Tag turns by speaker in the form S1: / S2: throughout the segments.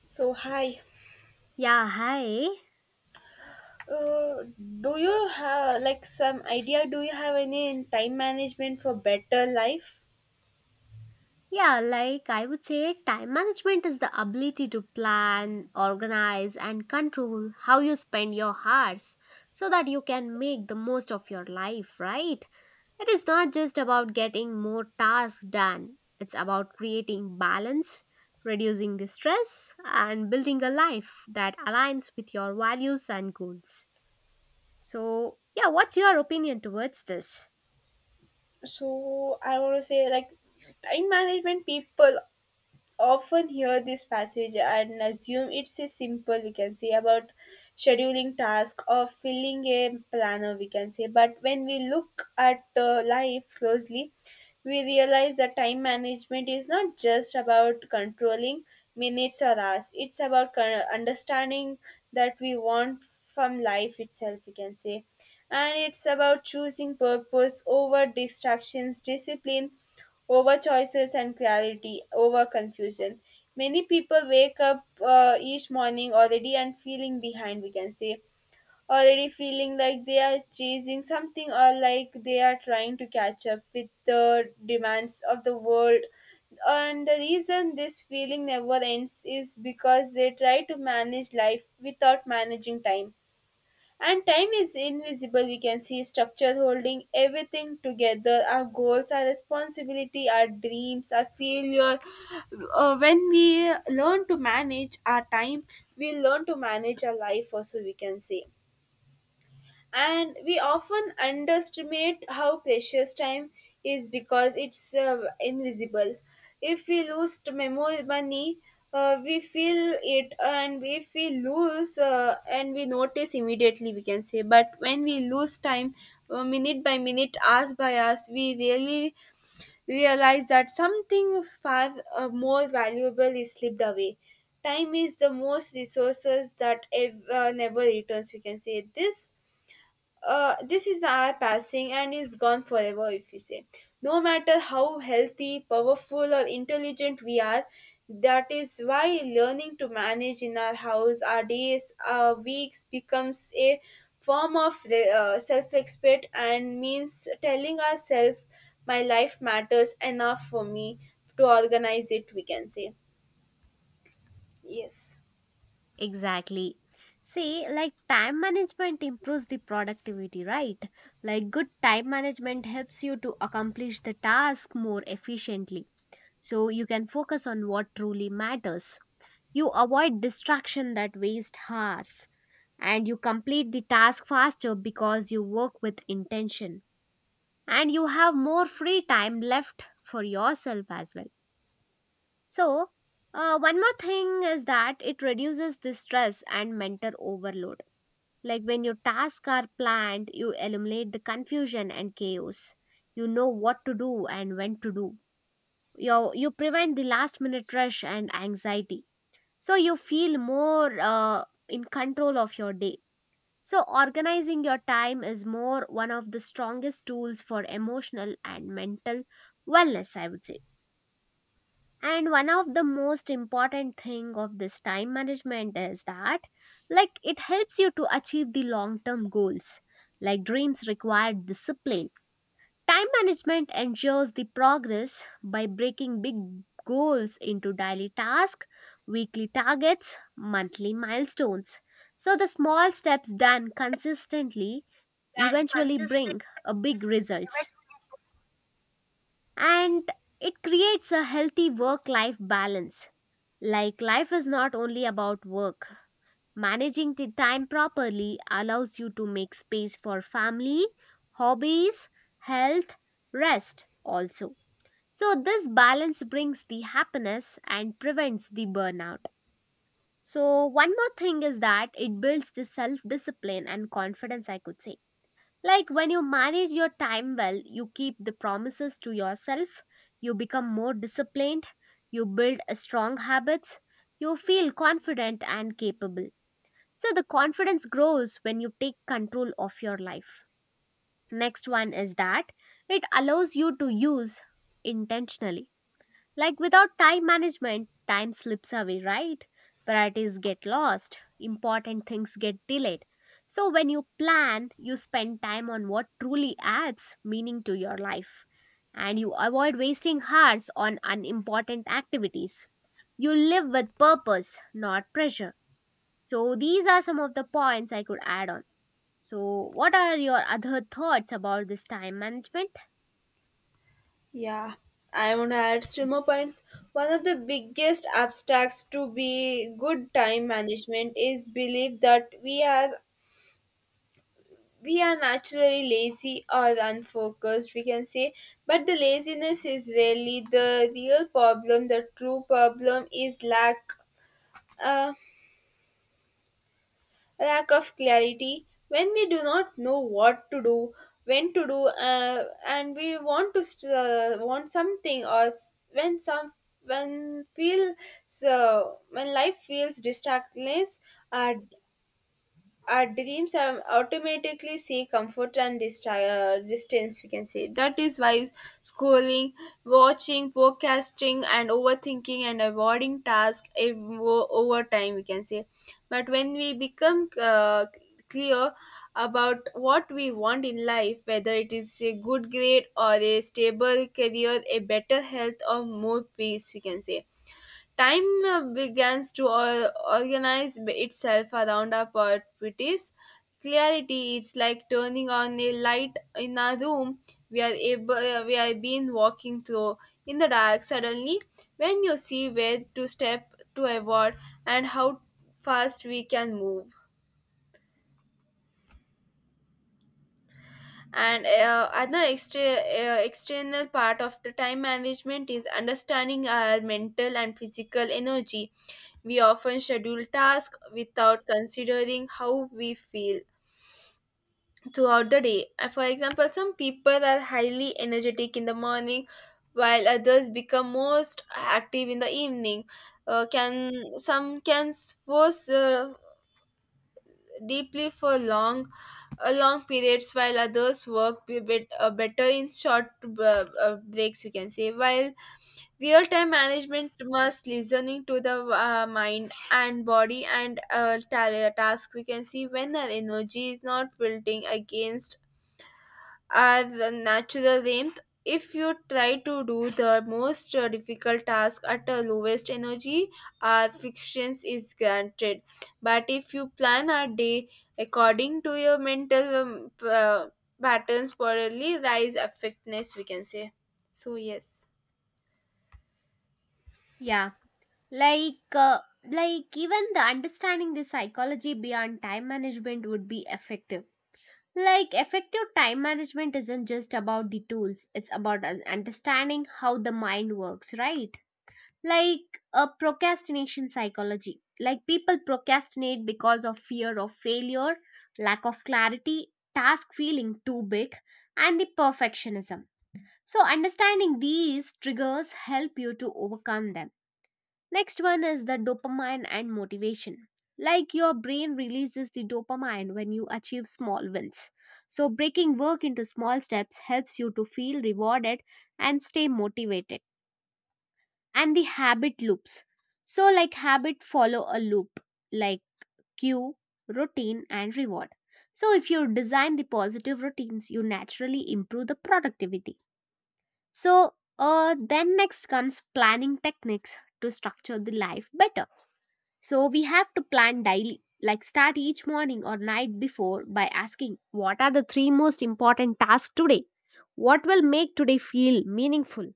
S1: So hi.
S2: Yeah, hi.
S1: Uh, do you have like some idea? Do you have any time management for better life?
S2: Yeah, like I would say, time management is the ability to plan, organize, and control how you spend your hours so that you can make the most of your life, right? It is not just about getting more tasks done, it's about creating balance, reducing the stress, and building a life that aligns with your values and goals. So what's your opinion towards this?
S1: So I want to say like time management people often hear this passage and assume it's a simple we can say about scheduling task or filling a planner we can say, but when we look at life closely we realize that time management is not just about controlling minutes or hours. It's about understanding that we want from life itself we can say, and it's about choosing purpose over distractions, discipline over choices, and clarity over confusion. Many people wake up each morning already and feeling behind, we can say, already feeling like they are chasing something or like they are trying to catch up with the demands of the world. And the reason this feeling never ends is because they try to manage life without managing time, and time is invisible. We can see structure holding everything together, our goals, our responsibility, our dreams, our failure. When we learn to manage our time, we learn to manage our life, also, we can say, and we often underestimate how precious time is because it's invisible. If we lose the memo money, we feel it, and if we lose and we notice immediately we can say, but when we lose time, minute by minute, hours by hours, we really realize that something far more valuable is slipped away. Time is the most resources that never returns we can say. This this is the hour passing and is gone forever if we say, no matter how healthy, powerful, or intelligent we are. That is why learning to manage in our house, our days, our weeks, becomes a form of self-respect, and means telling ourselves my life matters enough for me to organize it we can say. Yes.
S2: Exactly. See, like time management improves the productivity, right? Like good time management helps you to accomplish the task more efficiently. So you can focus on what truly matters. You avoid distraction that waste hours, and you complete the task faster because you work with intention, and you have more free time left for yourself as well. So, one more thing is that it reduces the stress and mental overload. Like when your tasks are planned, you eliminate the confusion and chaos. You know what to do and when to do. You prevent the last minute rush and anxiety. So you feel more in control of your day. So organizing your time is more one of the strongest tools for emotional and mental wellness, I would say, and one of the most important thing of this time management is that like it helps you to achieve the long term goals. Like dreams require discipline. Time management ensures the progress by breaking big goals into daily tasks, weekly targets, monthly milestones. So the small steps done consistently eventually bring a big results, and it creates a healthy work life balance. Like, life is not only about work. Managing the time properly allows you to make space for family, hobbies, health, rest also. So, this balance brings the happiness and prevents the burnout. So, one more thing is that it builds the self discipline and confidence, I could say. Like when you manage your time well, you keep the promises to yourself, you become more disciplined, you build a strong habits, you feel confident and capable. So the confidence grows when you take control of your life. Next one is that it allows you to use intentionally. Like without time management, time slips away, right? Priorities get lost, important things get delayed. So when you plan, you spend time on what truly adds meaning to your life, and you avoid wasting hours on unimportant activities. You live with purpose, not pressure. So these are some of the points I could add on. So, what are your other thoughts about this time management?
S1: Yeah, I want to add still more points. One of the biggest obstacles to be good time management is belief that we are naturally lazy or unfocused, we can say. But the laziness is really the real problem. The true problem is lack. Uh, lack of clarity. When we do not know what to do, when to do and we want to want something or s- when some when feel so when life feels distractless, uh, our dreams automatically see comfort and distance we can say. That is why schooling, watching, podcasting, and overthinking, and avoiding tasks over time we can say. But when we become clear about what we want in life, whether it is a good grade or a stable career, a better health or more peace we can say. Time begins to organize itself around our priorities. Clarity, it's like turning on a light in a room. We are able we have been walking through in the dark. Suddenly, when you see where to step to avoid and how fast we can move. And other extra, external part of the time management is understanding our mental and physical energy. We often schedule tasks without considering how we feel throughout the day. For example, some people are highly energetic in the morning, while others become most active in the evening. Can Some can force deeply for long long periods, while others work a bit better in short breaks you can say. While real time management must listening to the mind and body, and task we can see, when our energy is not wilting against are the natural length. If you try to do the most difficult task at the lowest energy, our fictions is granted, but if you plan a day according to your mental patterns, probably rise effectiveness we can say. So, yes.
S2: Yeah, like uh, like even the understanding the psychology beyond time management would be effective. Like effective time management isn't just about the tools, it's about understanding how the mind works, right? Like a procrastination psychology, like people procrastinate because of fear of failure, lack of clarity, task feeling too big, and the perfectionism. So understanding these triggers help you to overcome them. Next one is the dopamine and motivation. Like your brain releases the dopamine when you achieve small wins, so breaking work into small steps helps you to feel rewarded and stay motivated, and the habit loops. So, like habit follow a loop, like cue, routine, and reward. So, if you design the positive routines, you naturally improve the productivity. So, then next comes planning techniques to structure the life better. So, we have to plan daily, like start each morning or night before by asking what are the three most important tasks today? What will make today feel meaningful?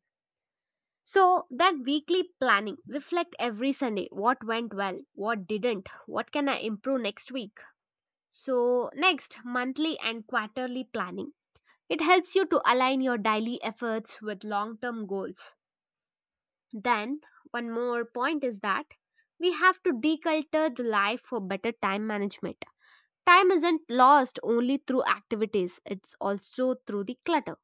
S2: So that weekly planning reflect every Sunday what went well, what didn't, what can I improve next week. So next monthly and quarterly planning. It helps you to align your daily efforts with long-term goals. Then one more point is that we have to deculture the life for better time management. Time isn't lost only through activities, it's also through the clutter,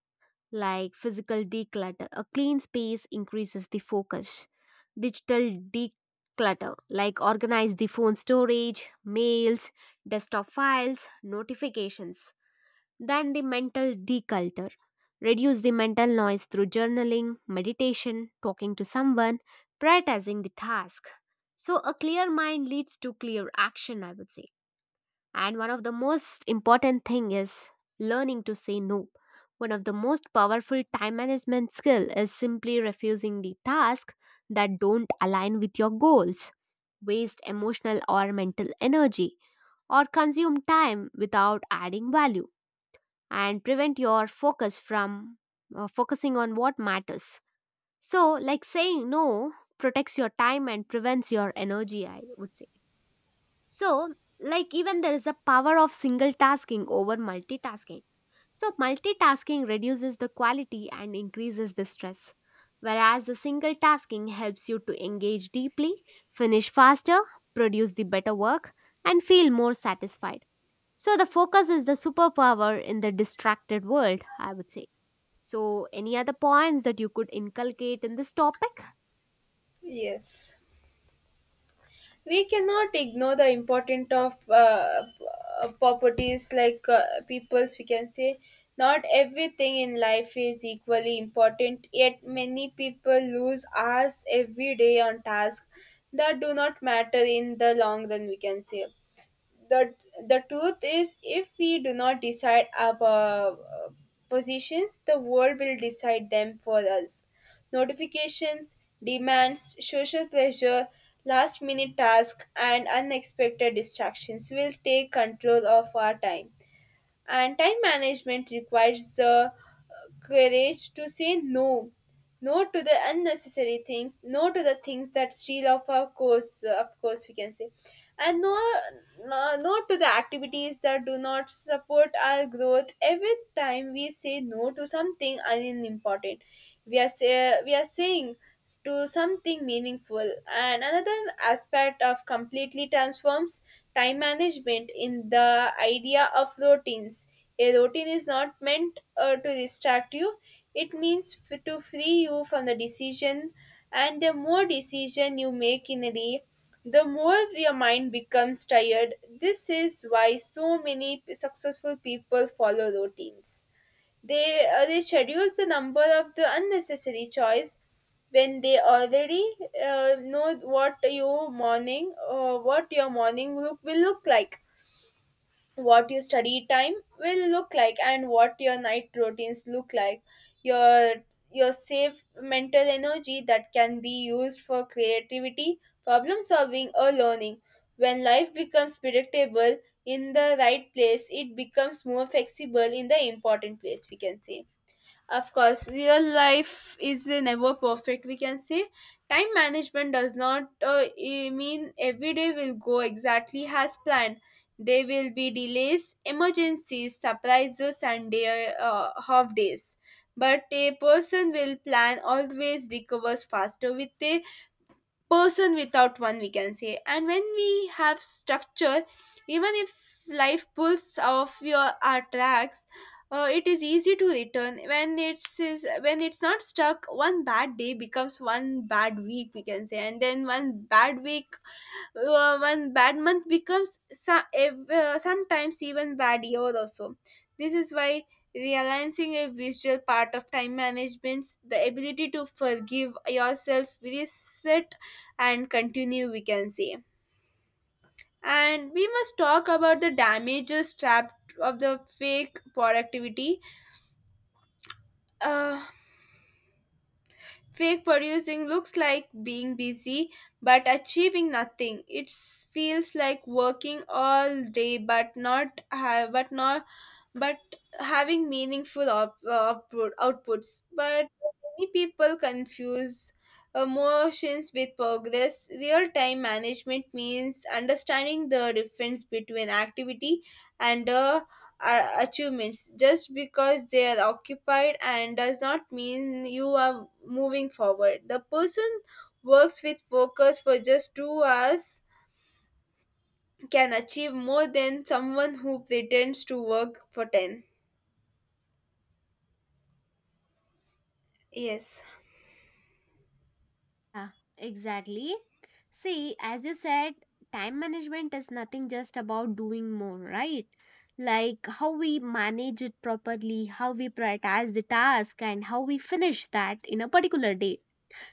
S2: like physical declutter. A clean space increases the focus. Digital declutter, like organize the phone storage, mails, desktop files, notifications. Then the mental declutter. Reduce the mental noise through journaling, meditation, talking to someone, prioritizing the task. So, a clear mind leads to clear action, I would say. And one of the most important thing is learning to say no. One of the most powerful time management skill is simply refusing the tasks that don't align with your goals, waste emotional or mental energy, or consume time without adding value, and prevent your focus from focusing on what matters. So, like saying no protects your time and prevents your energy, I would say. So, like, even there is a power of single tasking over multitasking. So, multitasking reduces the quality and increases the stress, whereas the single tasking helps you to engage deeply, finish faster, produce the better work, and feel more satisfied. So, the focus is the superpower in the distracted world, I would say. So, any other points that you could inculcate in this topic?
S1: Yes. We cannot ignore the important of properties, like peoples we can say. Not everything in life is equally important, yet many people lose hours every day on tasks that do not matter in the long run we can say. The the truth is, if we do not decide our positions, the world will decide them for us. Notifications, demands, social pressure, last minute tasks, and unexpected distractions will take control of our time. And time management requires the courage to say no. No to the unnecessary things, no to the things that steal off our course, of course, we can say. And no, no, no to the activities that do not support our growth. Every time we say no to something unimportant, we are, say, we are saying to something meaningful. And another aspect of completely transforms time management in the idea of routines. A routine is not meant to distract you. It means to free you from the decision, and the more decision you make in a day, the more your mind becomes tired. This is why so many successful people follow routines. They schedule the number of the unnecessary choice. When they already know what your morning look will look like, what your study time will look like, and what your night routines look like. Your your safe mental energy that can be used for creativity, problem solving, or learning. When life becomes predictable in the right place, it becomes more flexible in the important place, we can say. Of course, real life is never perfect. We can say time management does not mean every day will go exactly as planned. There will be delays, emergencies, surprises, and day, half days. But a person will plan always recovers faster with a person without one we can say. And when we have structure, even if life pulls off your our tracks, it is easy to return when it's is when it's not stuck. One bad day becomes one bad week we can say, and then one bad week, one bad month, becomes sometimes even bad year also. This is why realizing a visual part of time management, the ability to forgive yourself, reset, and continue we can say. And we must talk about the damages trapped of the fake productivity. uh, Fake producing looks like being busy but achieving nothing. It feels like working all day but not but having meaningful outputs. But many people confuse emotions with progress. Real time management means understanding the difference between activity and achievements. Just because they are occupied and does not mean you are moving forward. The person works with focus for just 2 hours can achieve more than someone who pretends to work for 10. Yes.
S2: Yeah, exactly. See, as you said, time management is nothing just about doing more, right? Like how we manage it properly, how we prioritize the task, and how we finish that in a particular day.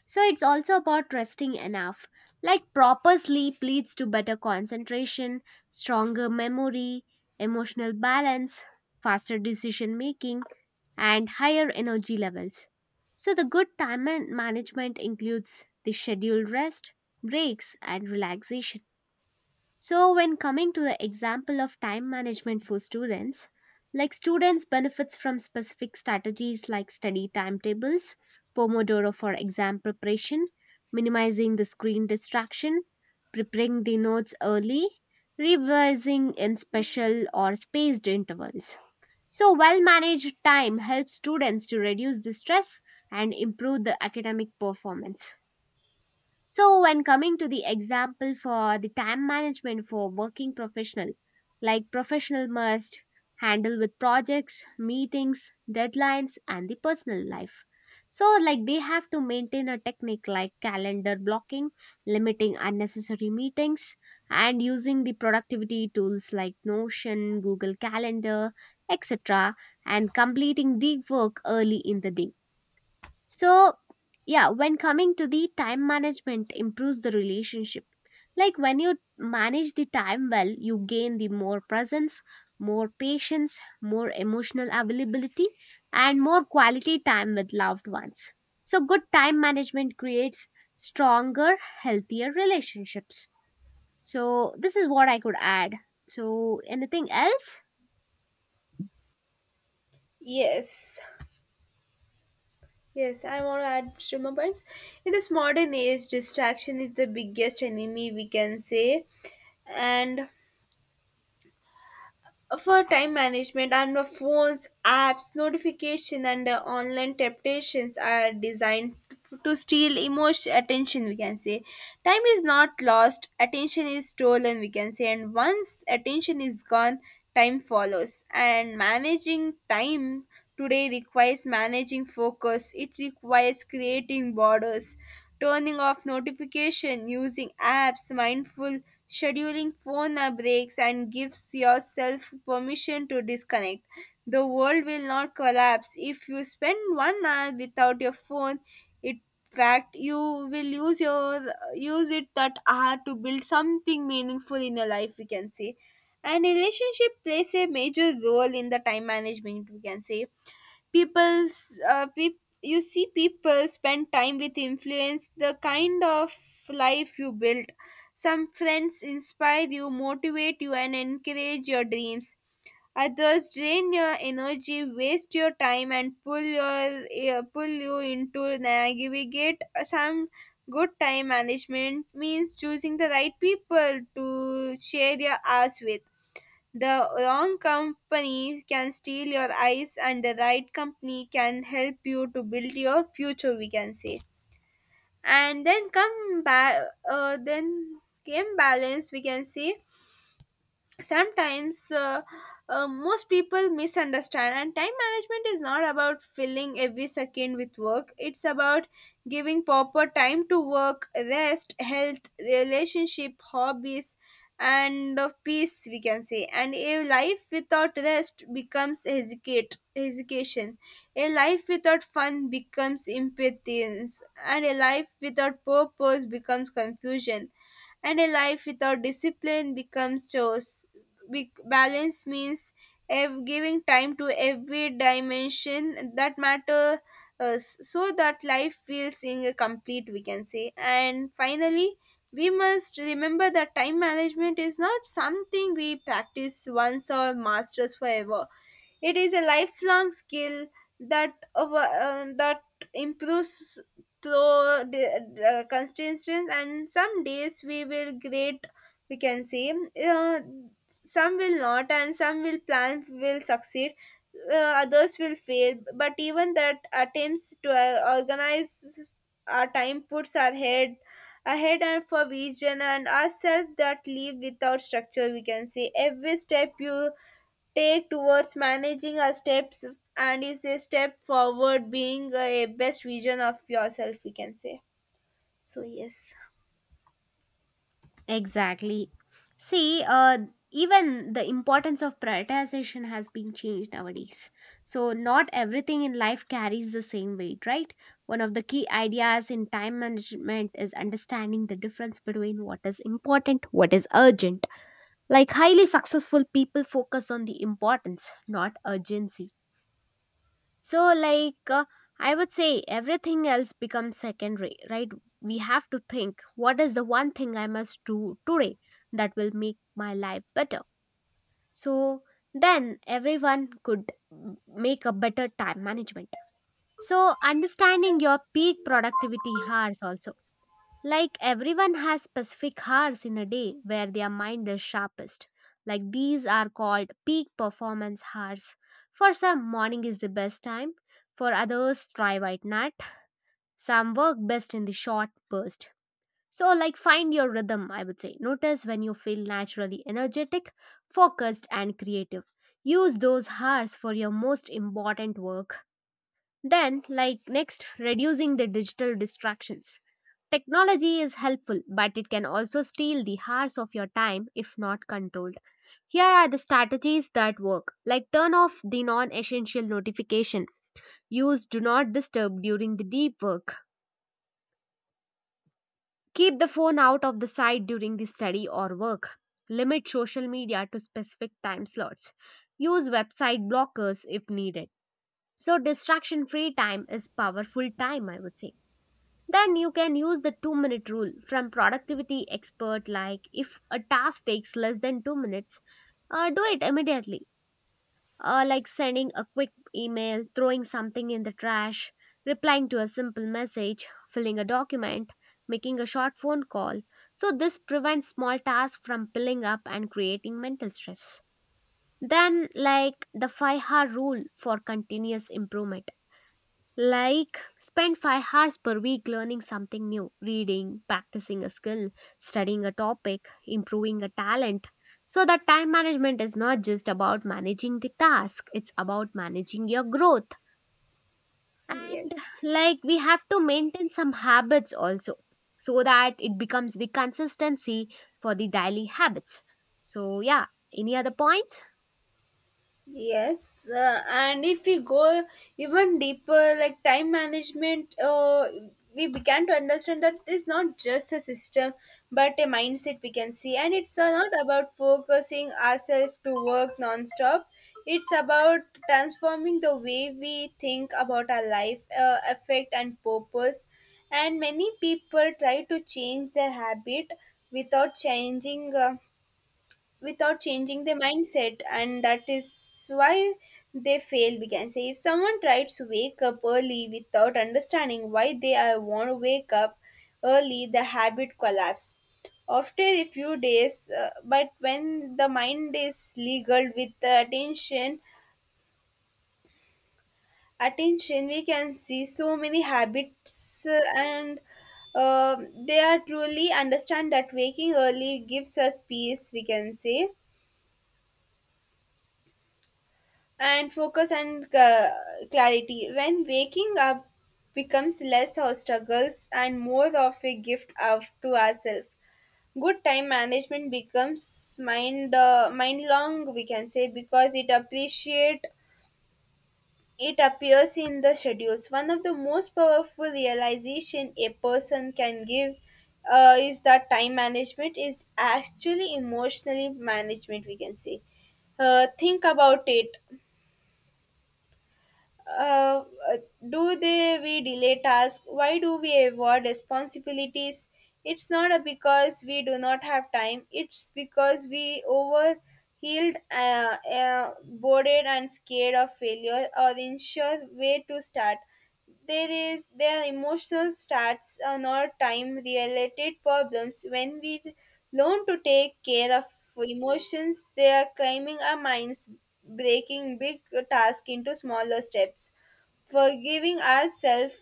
S2: So it's also about resting enough. Like proper sleep leads to better concentration, stronger memory, emotional balance, faster decision making, and higher energy levels. So, the good time management includes the scheduled rest, breaks, and relaxation. So, when coming to the example of time management for students, like students benefits from specific strategies like study timetables, Pomodoro for exam preparation, minimizing the screen distraction, preparing the notes early, revising in special or spaced intervals. So, well managed time helps students to reduce the stress and improve the academic performance. So, when coming to the example for the time management for working professional, like professional must handle with projects, meetings, deadlines, and the personal life. So, like they have to maintain a technique like calendar blocking, limiting unnecessary meetings, and using the productivity tools like Notion, Google Calendar, etc., and completing deep work early in the day. So, yeah, when coming to the time management improves the relationship. Like when you manage the time well, you gain the more presence, more patience, more emotional availability, and more quality time with loved ones. So good time management creates stronger, healthier relationships. So this is what I could add. So anything else?
S1: Yes, yes, I want to add two more points. In this modern age, distraction is the biggest enemy we can say, and for time management, and the phones, apps, notification, and online temptations are designed to steal emotion attention we can say. Time is not lost, attention is stolen we can say, and once attention is gone, time follows. And managing time today requires managing focus. It requires creating borders, turning off notification, using apps, mindful scheduling, phone breaks, and gives yourself permission to disconnect. The world will not collapse if you spend one hour without your phone. In fact, you will use it that hour to build something meaningful in your life we can say. And relationship plays a major role in the time management we can say. You see, people spend time with influence the kind of life you built. Some friends inspire you, motivate you, and encourage your dreams. Others drain your energy, waste your time, and pull you into navigate some. Good time management means choosing the right people to share your hours with. The wrong company can steal your eyes, and the right company can help you to build your future. We can say, and then come back. Then game balance. We can say sometimes most people misunderstand and time management is not about filling every second with work. It's about giving proper time to work, rest, health, relationship, hobbies, and peace we can say. And a life without rest becomes hesitate hesitation. A life without fun becomes impatience. And a life without purpose becomes confusion, and a life without discipline becomes chores. Balance means giving time to every dimension that matter, so that life feels in complete we can say. And finally, we must remember that time management is not something we practice once or masters forever. It is a lifelong skill that that improves through the constitution, and some days we will great we can say, uh, some will not, and some will plan will succeed, others will fail, but even that attempts to organize our time puts our head ahead and for vision, and ourselves that live without structure we can say, every step you take towards managing our steps and is a step forward being a best vision of yourself we can say. So yes.
S2: Exactly. See, even the importance of prioritization has been changed nowadays. So, not everything in life carries the same weight, right? One of the key ideas in time management is understanding the difference between what is important, what is urgent. Like, highly successful people focus on the importance, not urgency. So, I would say everything else becomes secondary, right? We have to think what is the one thing I must do today that will make my life better. So, then everyone could make a better time management. So, understanding your peak productivity hours also. Like everyone has specific hours in a day where their mind is sharpest. Like these are called peak performance hours. For some, morning is the best time. For others, thrive at night. Some work best in the short burst. So, like, find your rhythm, I would say. Notice when you feel naturally energetic, focused, and creative. Use those hours for your most important work. Then, like next, reducing the digital distractions. Technology is helpful, but it can also steal the hours of your time if not controlled. Here are the strategies that work, like turn off the non essential notification, use do not disturb during the deep work, keep the phone out of the sight during the study or work, limit social media to specific time slots, use website blockers if needed. So, distraction free time is powerful time, I would say. Then you can use the 2 minute rule from productivity expert, like if a task takes less than 2 minutes, do it immediately. Like sending a quick email, throwing something in the trash, replying to a simple message, filling a document, making a short phone call. So, this prevents small tasks from piling up and creating mental stress. Then, like the 5-hour rule for continuous improvement, like, spend 5 hours per week learning something new, reading, practicing a skill, studying a topic, improving a talent. So, that time management is not just about managing the task, it's about managing your growth. And,
S1: yes
S2: like, we have to maintain some habits also so that it becomes the consistency for the daily habits. So, yeah, any other points?
S1: Yes, uh, and if we go even deeper, like time management, we began to understand that it's not just a system but a mindset we can see, and it's not about focusing ourselves to work non-stop. It's about transforming the way we think about our life, effect, and purpose. And many people try to change their habit without changing. Without changing their mindset, and that is why they fail we can say. If someone tries to wake up early without understanding why they are want to wake up early, the habit collapse after a few days, but when the mind is legal with the attention we can see so many habits, and uh, they are truly understand that waking early gives us peace we can say, and focus, and clarity. When waking up becomes less of struggles and more of a gift of to ourselves, good time management becomes mind mind long we can say, because it appreciate it appears in the schedules. One of the most powerful realization a person can give is that time management is actually emotionally management we can say. Think about it. Uh, do they we delay tasks? Why do we avoid responsibilities? It's not a because we do not have time, it's because we healed bored and scared of failure or unsure where to start. There is their emotional starts are not time related problems. When we learn to take care of emotions, they are climbing our minds, breaking big tasks into smaller steps, forgiving ourselves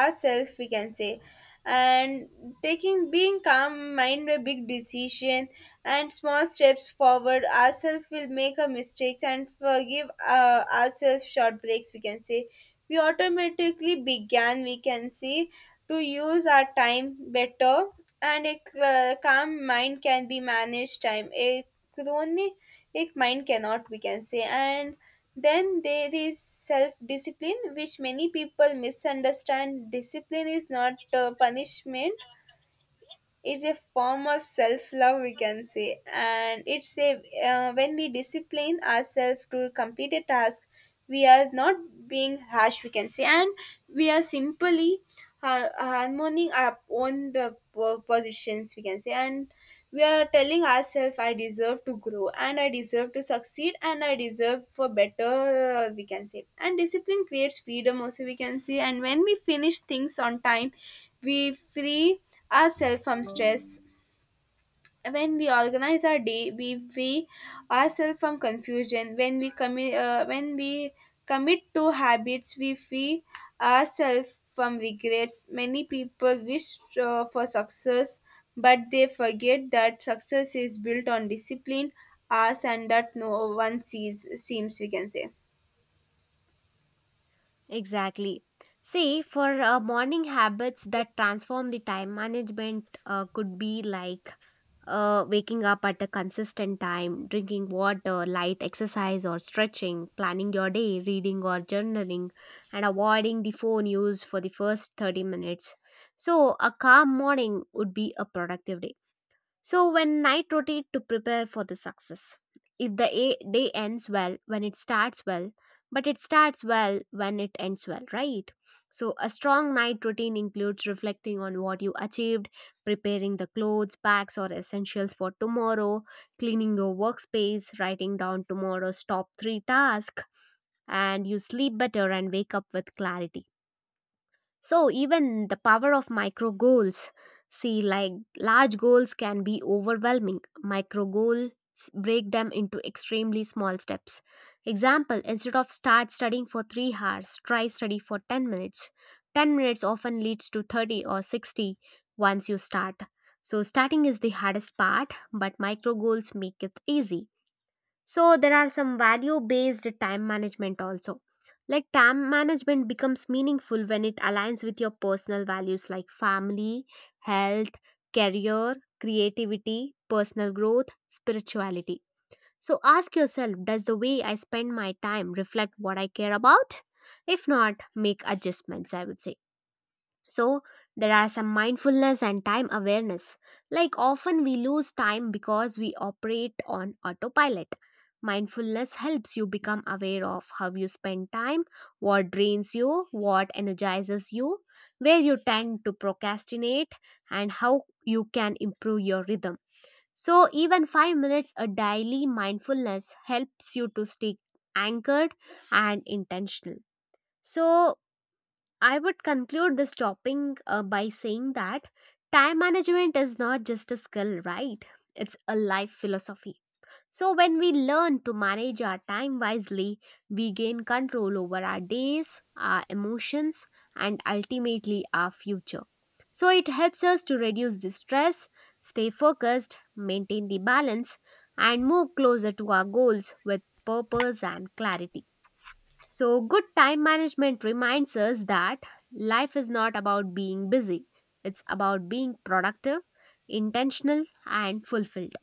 S1: ourselves we can say, and taking being calm mind a big decision and small steps forward, ourselves will make our mistakes and forgive ourselves short breaks we can say, we automatically began we can say to use our time better. And a calm mind can be managed time, a chronic mind cannot we can say. And then there is self discipline, which many people misunderstand. Discipline is not punishment, it's a form of self-love we can say. And it's a when we discipline ourselves to complete a task, we are not being harsh we can say, and we are simply harmoning our own positions we can say. And we are telling ourselves I deserve to grow, and I deserve to succeed, and I deserve for better we can say. And discipline creates freedom also we can say, and when we finish things on time, we free ourselves from stress. When we organize our day, we free ourselves from confusion. When we when we commit to habits, we free ourselves from regrets. Many people wish for success, but they forget that success is built on discipline, hours, and that no one sees seems we can say.
S2: Exactly. See, for morning habits that transform the time management could be like waking up at a consistent time, drinking water, light exercise or stretching, planning your day, reading or journaling, and avoiding the phone use for the first 30 minutes. So, a calm morning would be a productive day. So when night rotate to prepare for the success. If the day ends well when it starts well, but it starts well when it ends well, right? So a strong night routine includes reflecting on what you achieved, preparing the clothes, bags or essentials for tomorrow, cleaning your workspace, writing down tomorrow's top 3 tasks, and you sleep better and wake up with clarity. So even the power of micro goals, see like large goals can be overwhelming. Micro goals break them into extremely small steps. Example, instead of start studying for 3 hours, try study for 10 minutes. 10 minutes often leads to 30 or 60 once you start. So starting is the hardest part, but micro goals make it easy. So there are some value based time management also. Like time management becomes meaningful when it aligns with your personal values like family, health, career, creativity, personal growth, spirituality. So ask yourself, does the way I spend my time reflect what I care about? If not, make adjustments, I would say. So, there are some mindfulness and time awareness. Like, often we lose time because we operate on autopilot. Mindfulness helps you become aware of how you spend time, what drains you, what energizes you, where you tend to procrastinate, and how you can improve your rhythm. So, even 5 minutes a daily mindfulness helps you to stay anchored and intentional. So, I would conclude this topic by saying that time management is not just a skill, right? It's a life philosophy. So, when we learn to manage our time wisely, we gain control over our days, our emotions, and ultimately our future. So, it helps us to reduce the stress, stay focused, maintain the balance, and move closer to our goals with purpose and clarity. So, good time management reminds us that life is not about being busy, it's about being productive, intentional, and fulfilled.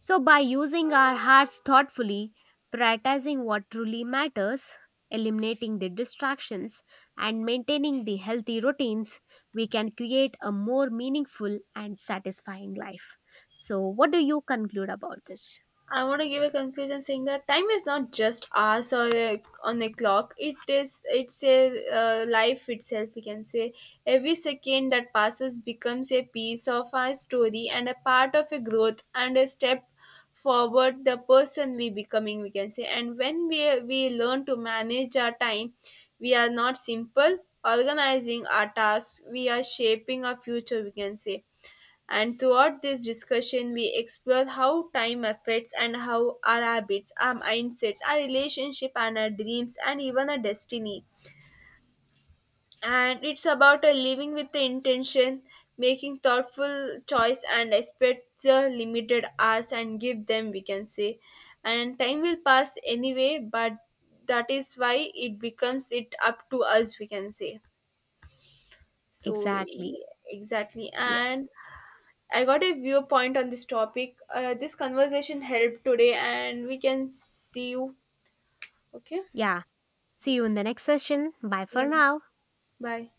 S2: So, by using our hearts thoughtfully, prioritizing what truly matters, eliminating the distractions, and maintaining the healthy routines, we can create a more meaningful and satisfying life. So, what do you conclude about this?
S1: I want to give a conclusion saying that time is not just hours or a, on a clock. It is it's a life itself. We can say every second that passes becomes a piece of our story, and a part of a growth, and a step forward the person we becoming. We can say, and when we learn to manage our time, we are not simple organizing our tasks. We are shaping our future. We can say, and throughout this discussion, we explore how time affects and how our habits, our mindsets, our relationship, and our dreams, and even our destiny. And it's about a living with the intention, making thoughtful choice, and respect the limited hours and give them, we can say. And time will pass anyway, but that is why it becomes it up to us, we can say. So,
S2: Exactly.
S1: exactly.
S2: Yeah.
S1: And I got a viewpoint on this topic. This conversation helped today, and we can see you. Okay.
S2: Yeah. See you in the next session. Bye for
S1: Yeah.
S2: now.
S1: Bye.